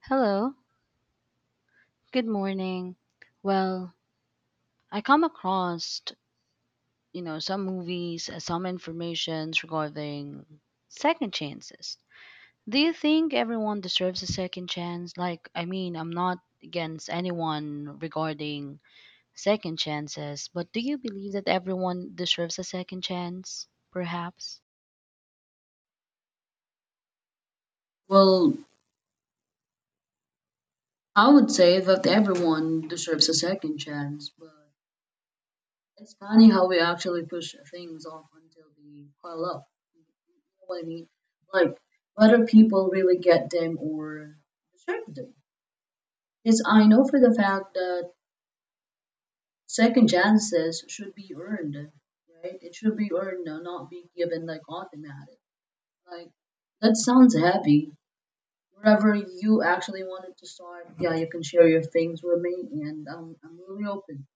Hello, good morning. Well, I come across, some movies, some informations regarding second chances. Do you think everyone deserves a second chance? Like, I mean, I'm not against anyone regarding second chances, but do you believe that everyone deserves a second chance, perhaps? Well, I would say that everyone deserves a second chance, but it's funny how we actually push things off until they pile up. You know what I mean? Like, whether people really get them or deserve them. Because I know for the fact that second chances should be earned, right? It should be earned, not be given like automatic. Like, that sounds heavy. Wherever you actually wanted to start, yeah, you can share your things with me, and I'm really open.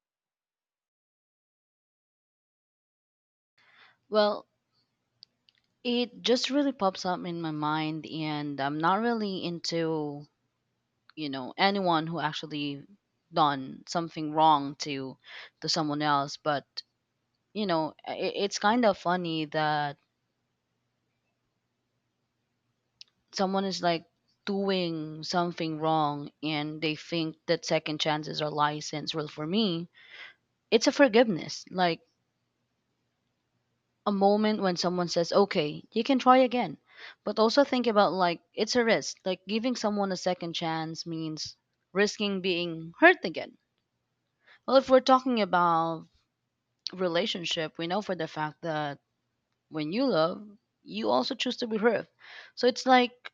Well, it just really pops up in my mind, and I'm not really into anyone who actually done something wrong to someone else but you know, it's kind of funny that someone is like doing something wrong and they think that second chances are license. Well, for me it's a forgiveness, like a moment when someone says okay, you can try again. But also think about like it's a risk, like giving someone a second chance means risking being hurt again. Well, if we're talking about relationship, we know for the fact that when you love, you also choose to be hurt. So it's like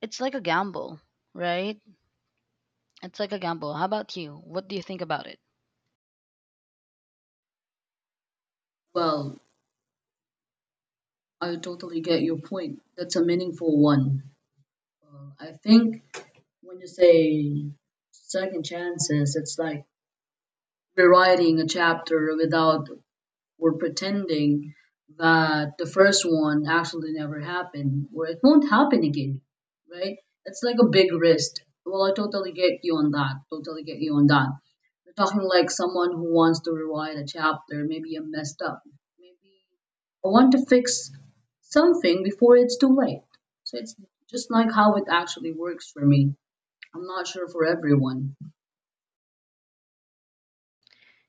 a gamble, right? It's like a gamble. How about you? What do you think about it? Well, I totally get your point. That's a meaningful one. I think when you say second chances, it's like rewriting a chapter without we're pretending that the first one actually never happened or it won't happen again, right? It's like a big risk. Well, I totally get you on that. Totally get you on that. You are talking like someone who wants to rewrite a chapter, maybe a messed up. Maybe I want to fix something before it's too late. So it's just like how it actually works for me. I'm not sure for everyone.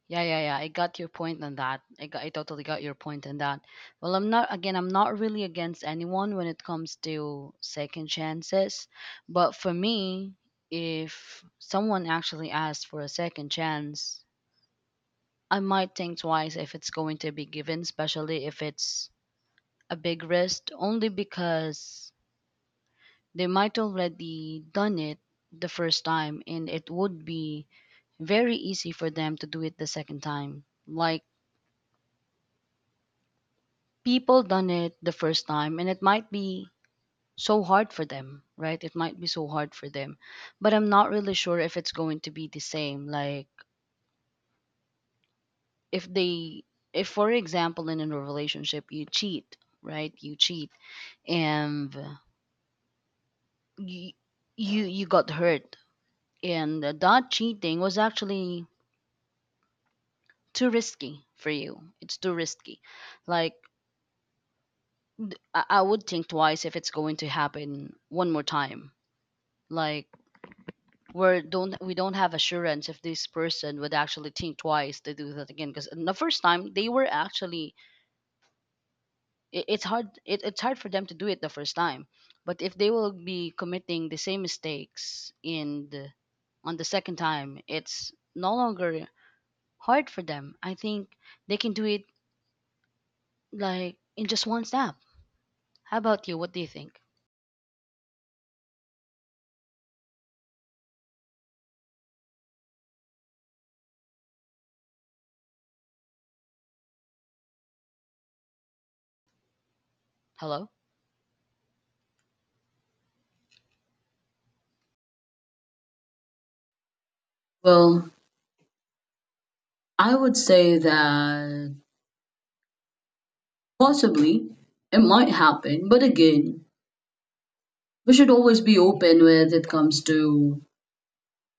Yeah, yeah, yeah, I got your point on that. I totally got your point on that. Well, I'm not again. I'm not really against anyone when it comes to second chances, but for me, if someone actually asks for a second chance, I might think twice if it's going to be given, especially if it's a big risk, only because they might already done it the first time and it would be very easy for them to do it the second time. Like, people done it the first time and it might be so hard for them, right? It might be so hard for them, but I'm not really sure if it's going to be the same. Like if they, if for example in a relationship you cheat, right? You cheat and you you got hurt, and that cheating was actually too risky for you. It's too risky. Like I would think twice if it's going to happen one more time. Like, we're don't we don't have assurance if this person would actually think twice to do that again, because the first time they were actually, it's hard for them to do it the first time. But if they will be committing the same mistakes on the second time, it's no longer hard for them. I think they can do it like in just one snap. How about you? What do you think? Hello? Well, I would say that possibly, it might happen, but again, we should always be open when it comes to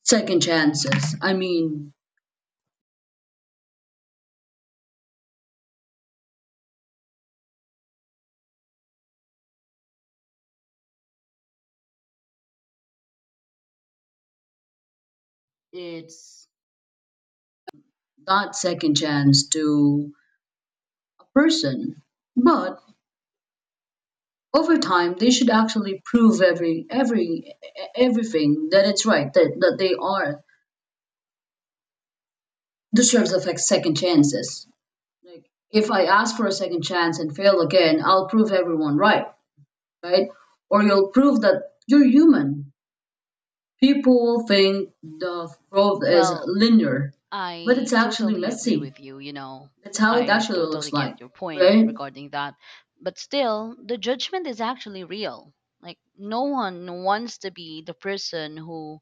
second chances. I mean, it's that second chance to a person, but over time they should actually prove everything that it's right that they are deserves of like second chances. Like if I ask for a second chance and fail again, I'll prove everyone right, right? Or you'll prove that you're human. People think the growth is Well, linear, but it's I actually totally agree messy. with you, you know. That's how it I actually totally looks get like, your point right? regarding that. But still, the judgment is actually real. Like, no one wants to be the person who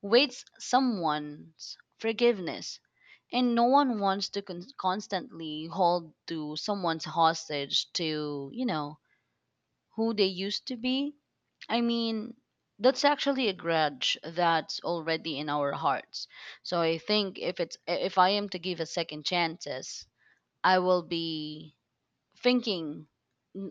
waits someone's forgiveness. And no one wants to constantly hold to someone's hostage to, you know, who they used to be. I mean, that's actually a grudge that's already in our hearts. So I think if it's, if I am to give a second chances, I will be thinking,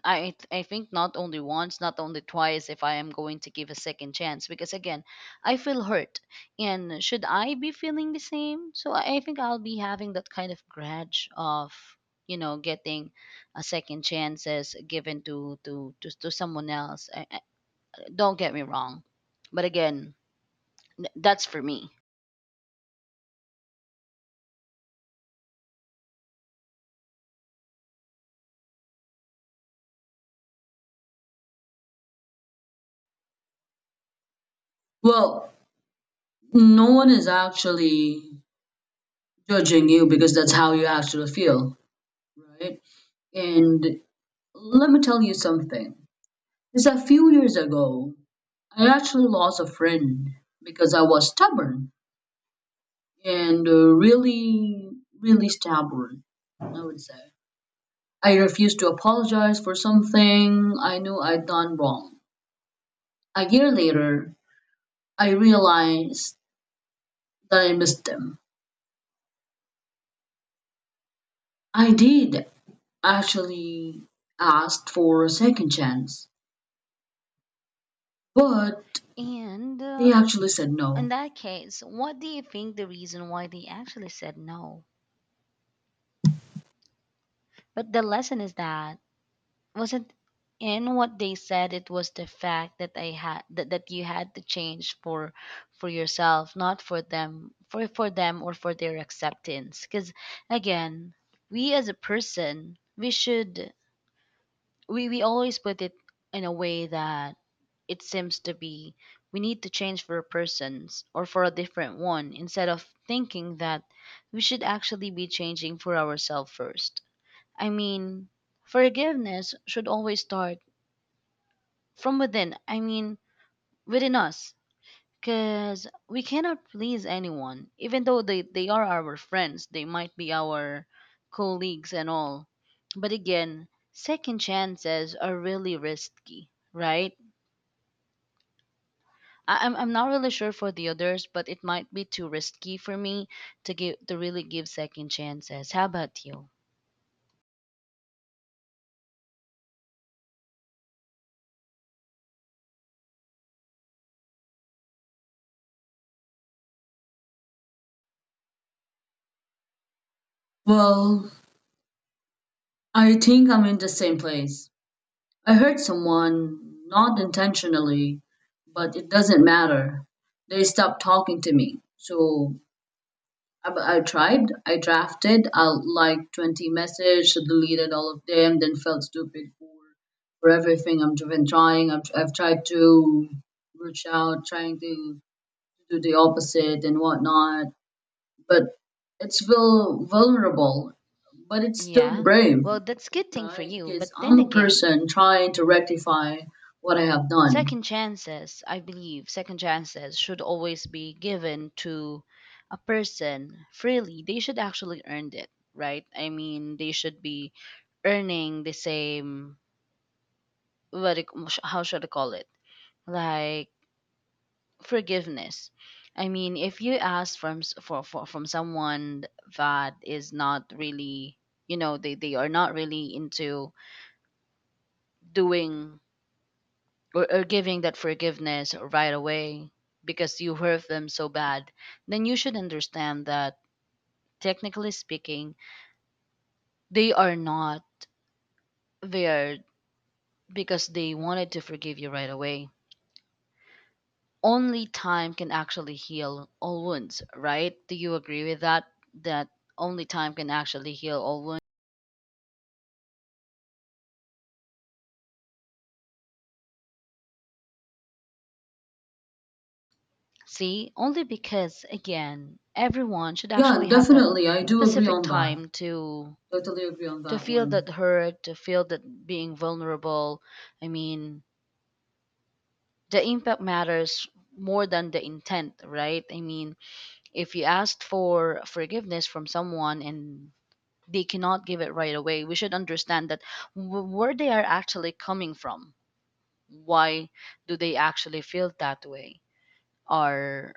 I think not only once, not only twice if I am going to give a second chance, because again, I feel hurt. And should I be feeling the same? So I think I'll be having that kind of grudge of getting a second chances given to to someone else. I, don't get me wrong, but again, that's for me. Well, no one is actually judging you because that's how you actually feel, right? And let me tell you something. Is a few years ago, I actually lost a friend because I was stubborn and really, really stubborn, I would say. I refused to apologize for something I knew I'd done wrong. A year later, I realized that I missed them. I did actually ask for a second chance, but And they actually said In no. that case, what do you think the reason why they actually said no? But the lesson is that wasn't in what they said. It was the fact that I had that, that you had to change for yourself, not for them, for them or for their acceptance. Because again, we as a person, we should, we always put it in a way that it seems to be we need to change for a person's or for a different one, instead of thinking that we should actually be changing for ourselves first. I mean, forgiveness should always start from within. I mean, within us. Because we cannot please anyone, even though they are our friends, they might be our colleagues and all. But again, second chances are really risky, right? I'm not really sure for the others, but it might be too risky for me to give, to really give second chances. How about you? Well, I think I'm in the same place. I hurt someone, not intentionally, but it doesn't matter. They stopped talking to me, so I tried. I drafted like 20 messages, deleted all of them, then felt stupid for everything I've been trying. I've tried to reach out, trying to do the opposite and whatnot. But it's vulnerable, but it's still Yeah. brave, Well, that's good thing for right? you, Because but then I'm a again, person trying to rectify what I have done. second chances, I believe second chances should always be given to a person freely. They should actually earn it, right? I mean, they should be earning the same what it, how should I call it? Like, forgiveness. I mean, if you ask for from someone that is not really, you know, they are not really into doing or giving that forgiveness right away because you hurt them so bad, then you should understand that technically speaking, they are not there because they wanted to forgive you right away. Only time can actually heal all wounds, right? Do you agree with that? That only time can actually heal all wounds? See, only because again, everyone should Yeah, actually have that definitely. I do agree specific on that. time to Totally agree on that feel that one. hurt, to feel that being vulnerable. I mean, the impact matters more than the intent, right? I mean, if you asked for forgiveness from someone and they cannot give it right away. We should understand that where they are actually coming from. Why do they actually feel that way? Or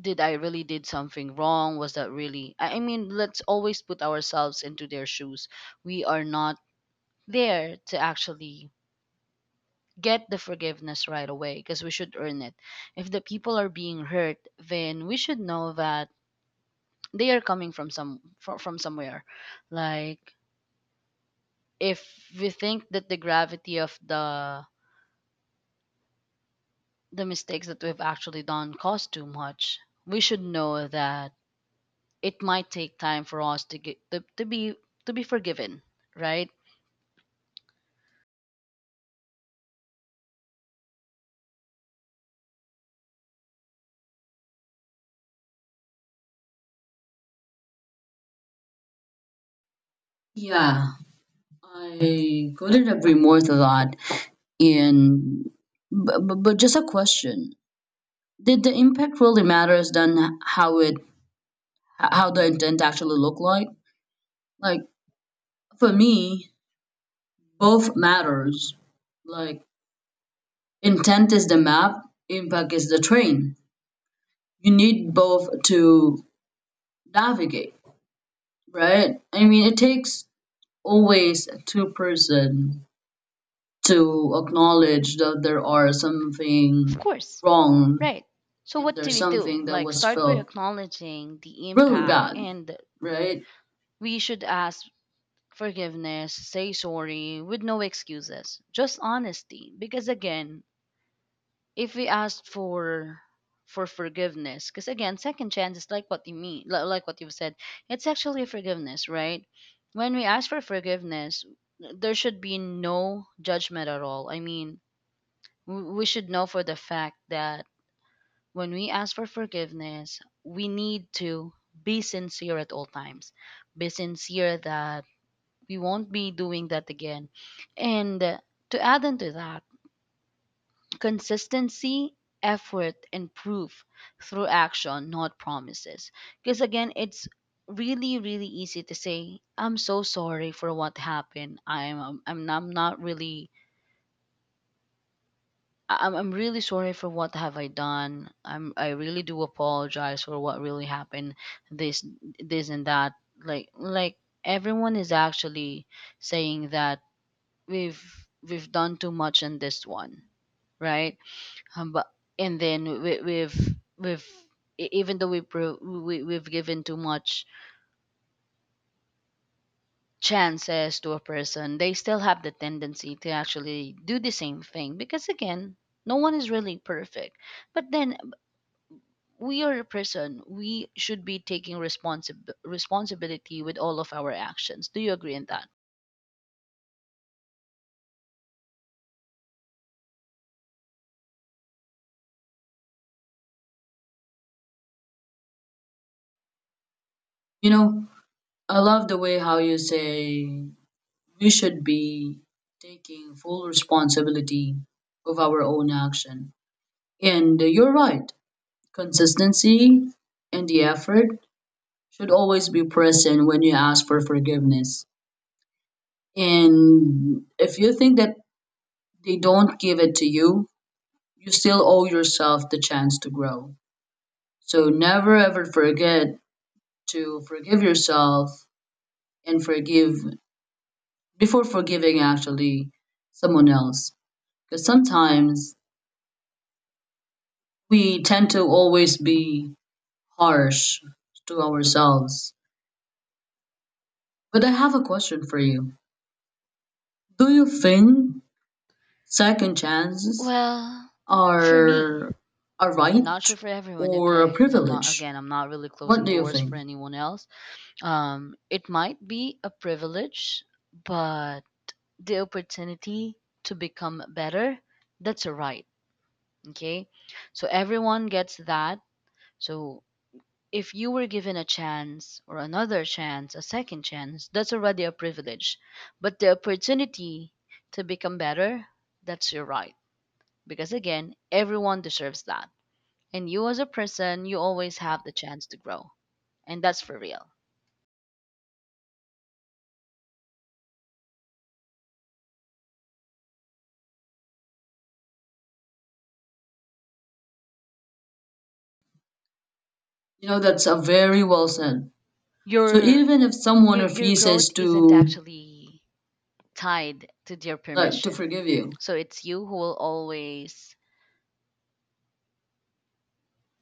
did I really did something wrong? Was that really? I mean, let's always put ourselves into their shoes. We are not there to actually get the forgiveness right away because we should earn it. If the people are being hurt, then we should know that they are coming from some from somewhere. Like if we think that the gravity of the mistakes that we've actually done cost too much, we should know that it might take time for us to get to be forgiven, right? Yeah. I couldn't agree more a lot, and but just a question: did the impact really matters than how the intent actually looked like? Like for me, both matters. Like intent is the map, impact is the train. You need both to navigate, right? I mean, it takes always two person to acknowledge that there are Of something course, wrong right. So and what do there's we do? something that Like, was start by felt acknowledging the really impact bad, and right? we should ask forgiveness, say sorry with no excuses, just honesty. Because again, if we asked for forgiveness, because again second chance is like what you mean, like what you've said, it's actually forgiveness, right? When we ask for forgiveness there should be no judgment at all. I mean, we should know for the fact that when we ask for forgiveness we need to be sincere at all times. Be sincere that we won't be doing that again, and to add into that, consistency, effort, and proof through action, not promises. Because again, it's really, really easy to say, "I'm so sorry for what happened. I'm not really, I'm really sorry for what have I done. I really do apologize for what really happened. This, this, and that." Like everyone is actually saying that we've, we've done too much in this one, right? But and then we've even though we, we've given too much chances to a person, they still have the tendency to actually do the same thing, because again, no one is really perfect. But then we are a person. We should be taking responsibility with all of our actions. Do you agree on that? You know, I love the way how you say we should be taking full responsibility of our own action. And you're right, consistency and the effort should always be present when you ask for forgiveness. And if you think that they don't give it to you, you still owe yourself the chance to grow. So never ever forget to forgive yourself and forgive before forgiving actually someone else. Because sometimes we tend to always be harsh to ourselves. But I have a question for you. Do you think second chances Well, for me, are a I'm not sure right for everyone, or a okay? Because I'm not, privilege? again, I'm not really What closing do you doors for think? anyone else. It might be a privilege, but the opportunity to become better, that's a right. Okay. So everyone gets that. So if you were given a chance or another chance, a second chance, that's already a privilege. But the opportunity to become better, that's your right. Because again, everyone deserves that. And you as a person, you always have the chance to grow. And that's for real. You know, that's a very well said. So Your even if someone refuses growth isn't to actually tied to their like to permission. forgive you, So it's you who will always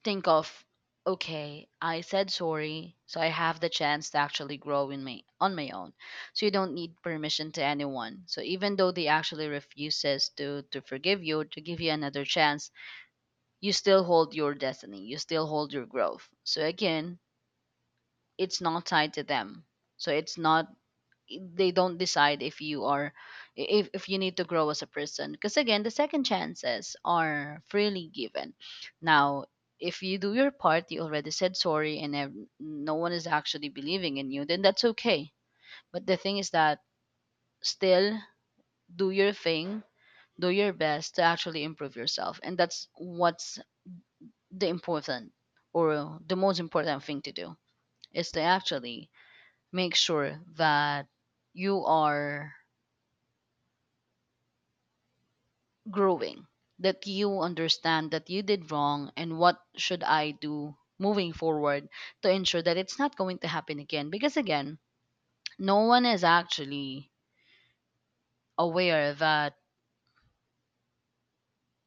think of, okay, I said sorry, so I have the chance to actually grow in my, on my own. So you don't need permission to anyone. So even though they actually refuses to forgive you, to give you another chance, you still hold your destiny. You still hold your growth. So again, it's not tied to them. So it's not they don't decide if you are if you need to grow as a person, because again the second chances are freely given now. If you do your part, you already said sorry and no one is actually believing in you, then that's okay. But the thing is that, still, do your thing, do your best to actually improve yourself. And that's what's the important or the most important thing to do is to actually make sure that you are growing, that you understand that you did wrong and what should I do moving forward to ensure that it's not going to happen again. Because again, no one is actually aware that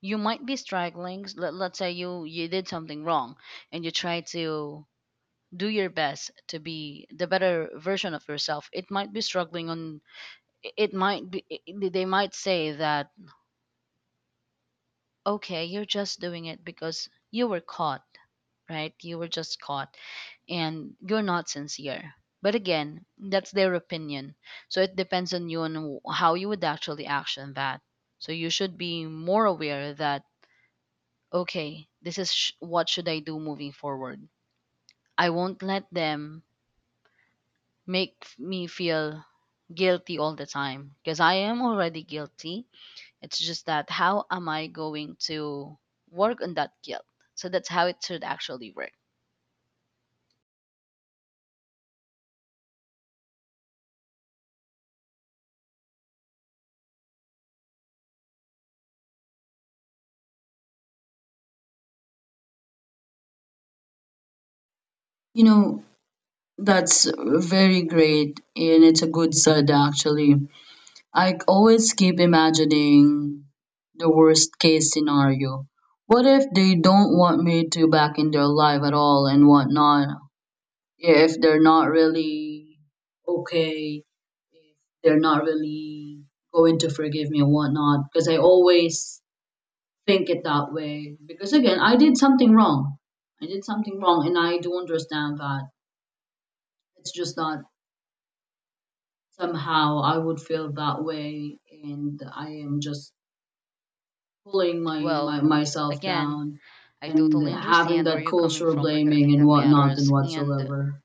you might be struggling. Let's say you did something wrong and you try to do your best to be the better version of yourself. It might be struggling on it. It might be they might say that, okay, you're just doing it because you were caught, right? You were just caught and you're not sincere. But again, that's their opinion. So it depends on you and how you would actually action that. So you should be more aware that, okay, this is what should I do moving forward. I won't let them make me feel guilty all the time because I am already guilty. It's just that how am I going to work on that guilt? So that's how it should actually work. you know, that's very great, and it's a good sad actually. I always keep imagining the worst case scenario. What if they don't want me to back in their life at all and whatnot? Yeah, if they're not really okay, they're not really going to forgive me and whatnot. Because I always think it that way. Because again, I did something wrong. I did something wrong, and I do understand that. It's just that somehow I would feel that way and I am just pulling my Well, myself again, down I and totally having understand where that you're coming cultural from regarding blaming and that whatnot and matters. And whatsoever.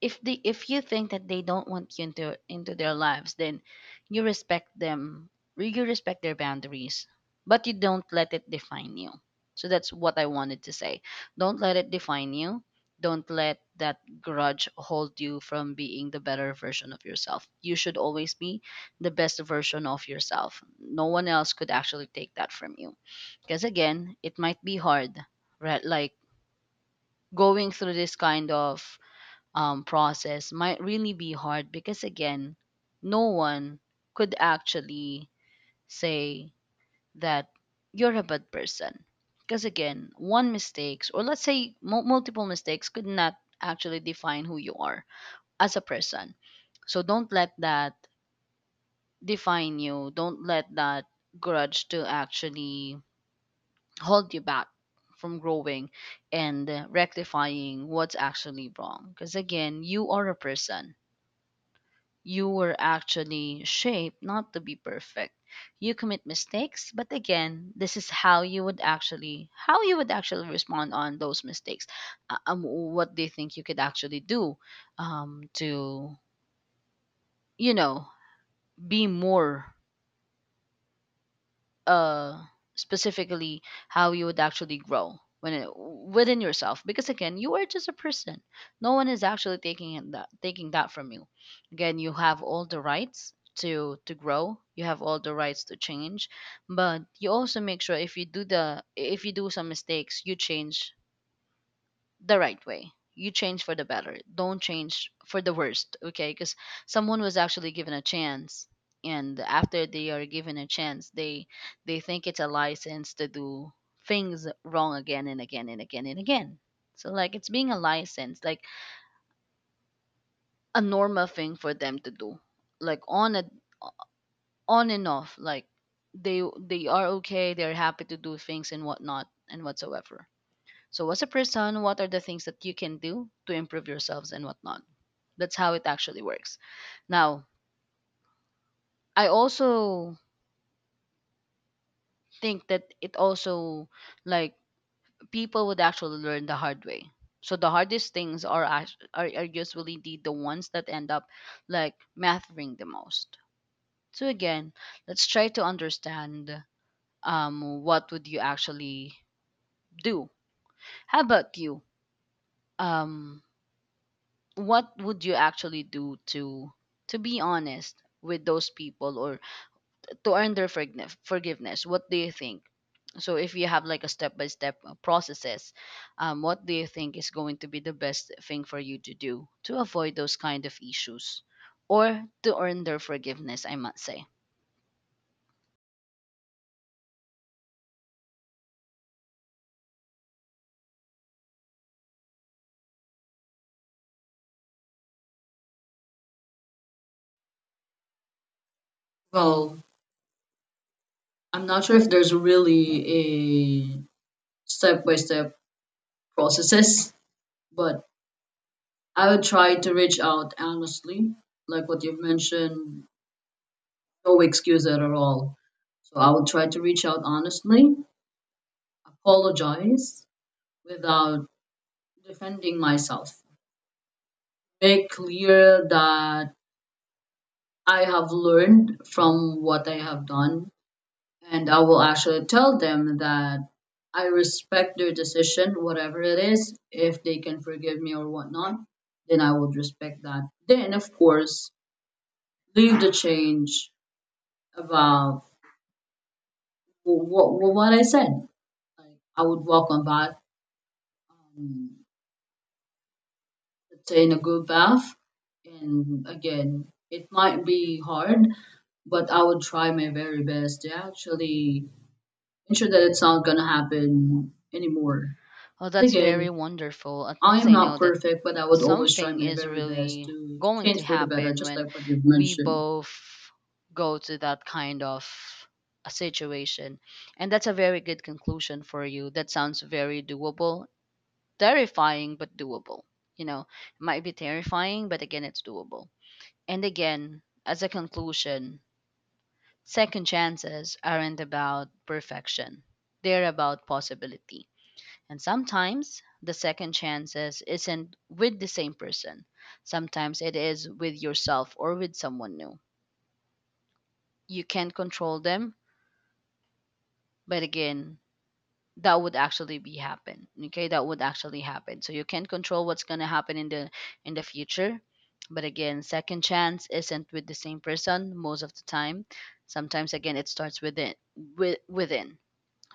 if they if you think that they don't want you into their lives, then you respect them. You respect their boundaries, but you don't let it define you. So that's what I wanted to say. Don't let it define you. Don't let that grudge hold you from being the better version of yourself. You should always be the best version of yourself. No one else could actually take that from you. Because again, it might be hard, right? Like going through this kind of process might really be hard because again no one could actually say that you're a bad person. Because again, one mistakes, or let's say multiple mistakes could not actually define who you are as a person. So don't let that define you, don't let that grudge to actually hold you back from growing and rectifying what's actually wrong. Because again, you are a person. You were actually shaped not to be perfect. You commit mistakes, but again, this is how you would actually respond on those mistakes. What do you think you could actually do to you know be more uh specifically, how you would actually grow within yourself? Because again, you are just a person. No one is actually taking that from you. Again, you have all the rights to grow, you have all the rights to change. But you also make sure, if you do the if you do some mistakes, you change the right way. You change for the better. Don't change for the worst, okay? Because someone was actually given a chance, and after they are given a chance, they think it's a license to do things wrong again and again and again and again. So like it's being a license, like a normal thing for them to do, like on a on and off, like they are okay, they're happy to do things and whatnot and whatsoever. So, as a person, what are the things that you can do to improve yourselves and whatnot? That's how it actually works. Now, I also think that it also, like, people would actually learn the hard way. So the hardest things are usually the ones that end up like mattering the most. So again, let's try to understand what would you actually do? How about you? Um what would you actually do to be honest with those people, or to earn their forgiveness? What do you think? So if you have like a step by step processes, what do you think is going to be the best thing for you to do to avoid those kind of issues, or to earn their forgiveness, I must say? Well, I'm not sure if there's really a step by step processes, but I would try to reach out honestly, like what you've mentioned, no excuse at all. So I would try to reach out honestly, apologize without defending myself make clear that I have learned from what I have done. And I will actually tell them that I respect their decision, whatever it is. If they can forgive me or whatnot, then I would respect that. Then, of course, leave the change about what I said. Like, I would walk on back, um, let's say in a good path. And again, it might be hard but I would try my very best to actually ensure that it's not gonna happen anymore. Oh, 'Cause that's very again, wonderful. At I least am I not know that perfect, but I would always try something my is very best really to going to change for the better, happen just when like what you've we mentioned. both go to that kind of a situation. And that's a very good conclusion for you. That sounds very doable. Terrifying, but doable. You know, it might be terrifying, but again, it's doable. And again, as a conclusion, second chances aren't about perfection, they're about possibility. And sometimes the second chances isn't with the same person, sometimes it is with yourself or with someone new. You can't control them, but again, that would actually be happen, okay, that would actually happen. So you can't control what's going to happen in the future. But again, second chance isn't with the same person most of the time. Sometimes, again, it starts within within.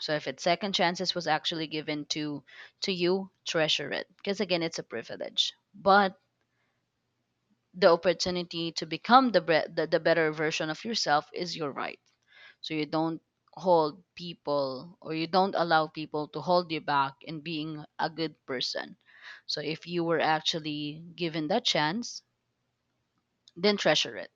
So if it's second chances was actually given to you, treasure it, because again it's a privilege. But the opportunity to become the better version of yourself is your right. So you don't hold people, or you don't allow people to hold you back in being a good person. So if you were actually given that chance, then treasure it,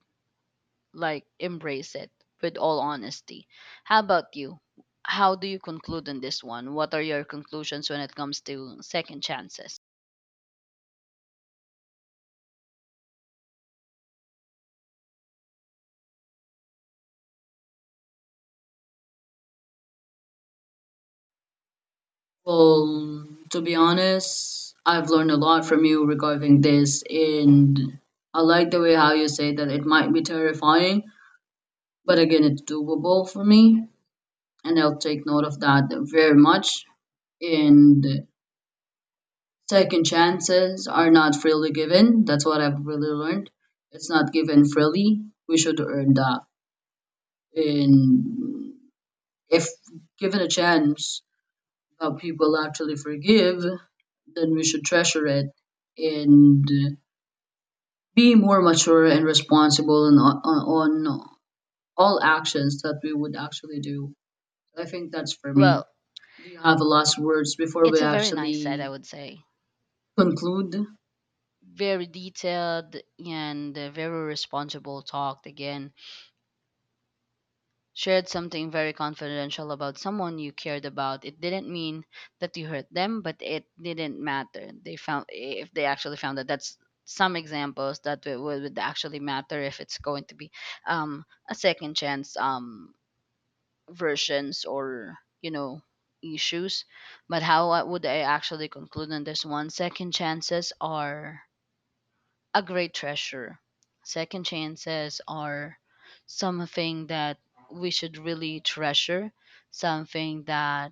like embrace it with all honesty. How about you? How do you conclude on this one? What are your conclusions when it comes to second chances? Well, to be honest, I've learned a lot from you regarding this, and I like the way how you say that it might be terrifying, but again, it's doable for me, and I'll take note of that very much. And second chances are not freely given. That's what I've really learned. It's not given freely. We should earn that. And if given a chance that people actually forgive, then we should treasure it and be more mature and responsible on, on all actions that we would actually do. I think that's for me. Well, Do you have last words before it's we a very nice set, I actually would say. conclude? Very detailed and a very responsible talk. Again, shared something very confidential about someone you cared about, it didn't mean that you hurt them, but it didn't matter. They found, if they actually found that, that's some examples that it would actually matter if it's going to be a second chance, versions, or you know, issues. But how would I actually conclude on this one? Second chances are a great treasure. Second chances are something that we should really treasure, something that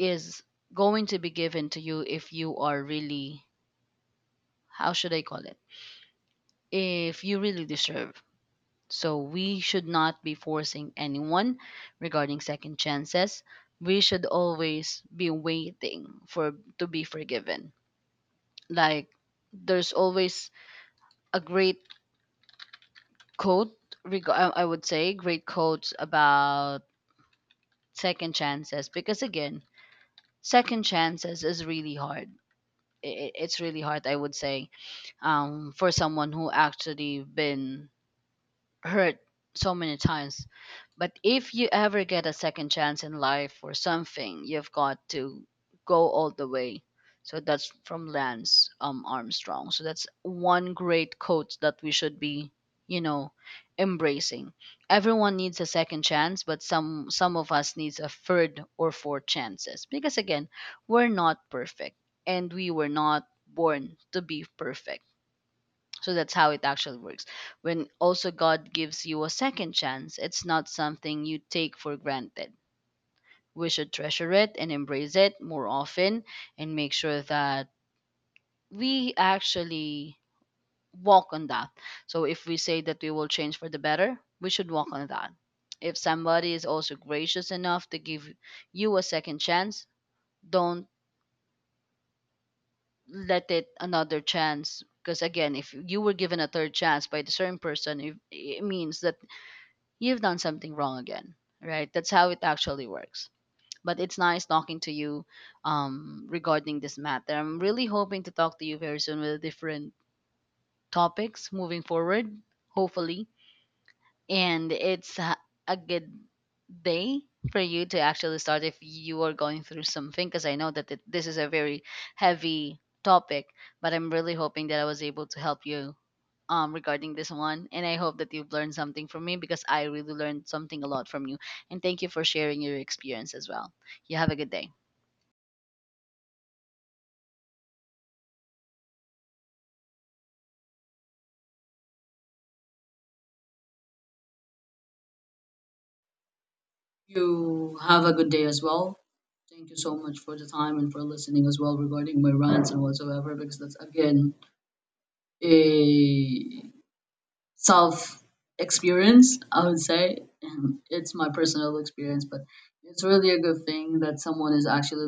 is going to be given to you if you are really, how should I call it? If you really deserve. So we should not be forcing anyone regarding second chances. We should always be waiting for to be forgiven. Like, there's always a great quote I would say great quotes about second chances, because again second chances is really hard. It's really hard, I would say, for someone who actually been hurt so many times. But if you ever get a second chance in life or something, you've got to go all the way. So that's from Lance Armstrong. So that's one great quote that we should be, you know, embracing. Everyone needs a second chance, but some of us needs a third or fourth chances, because again, we're not perfect and we were not born to be perfect. So that's how it actually works. When also God gives you a second chance, it's not something you take for granted. We should treasure it and embrace it more often, and make sure that we actually walk on that. So if we say that we will change for the better, we should walk on that. If somebody is also gracious enough to give you a second chance, don't let it another chance. Because again, if you were given a third chance by the certain person, it means that you've done something wrong again, right? That's how it actually works. But it's nice talking to you regarding this matter. I'm really hoping to talk to you very soon with different topics moving forward, hopefully. And it's a good day for you to actually start if you are going through something, because I know that this is a very heavy topic, but I'm really hoping that I was able to help you regarding this one. And I hope that you've learned something from me, because I really learned something a lot from you. And thank you for sharing your experience as well. You have a good day. You have a good day as well. Thank you so much for the time and for listening as well regarding my rants and whatsoever, because that's again a self experience, I would say. And it's my personal experience, but it's really a good thing that someone is actually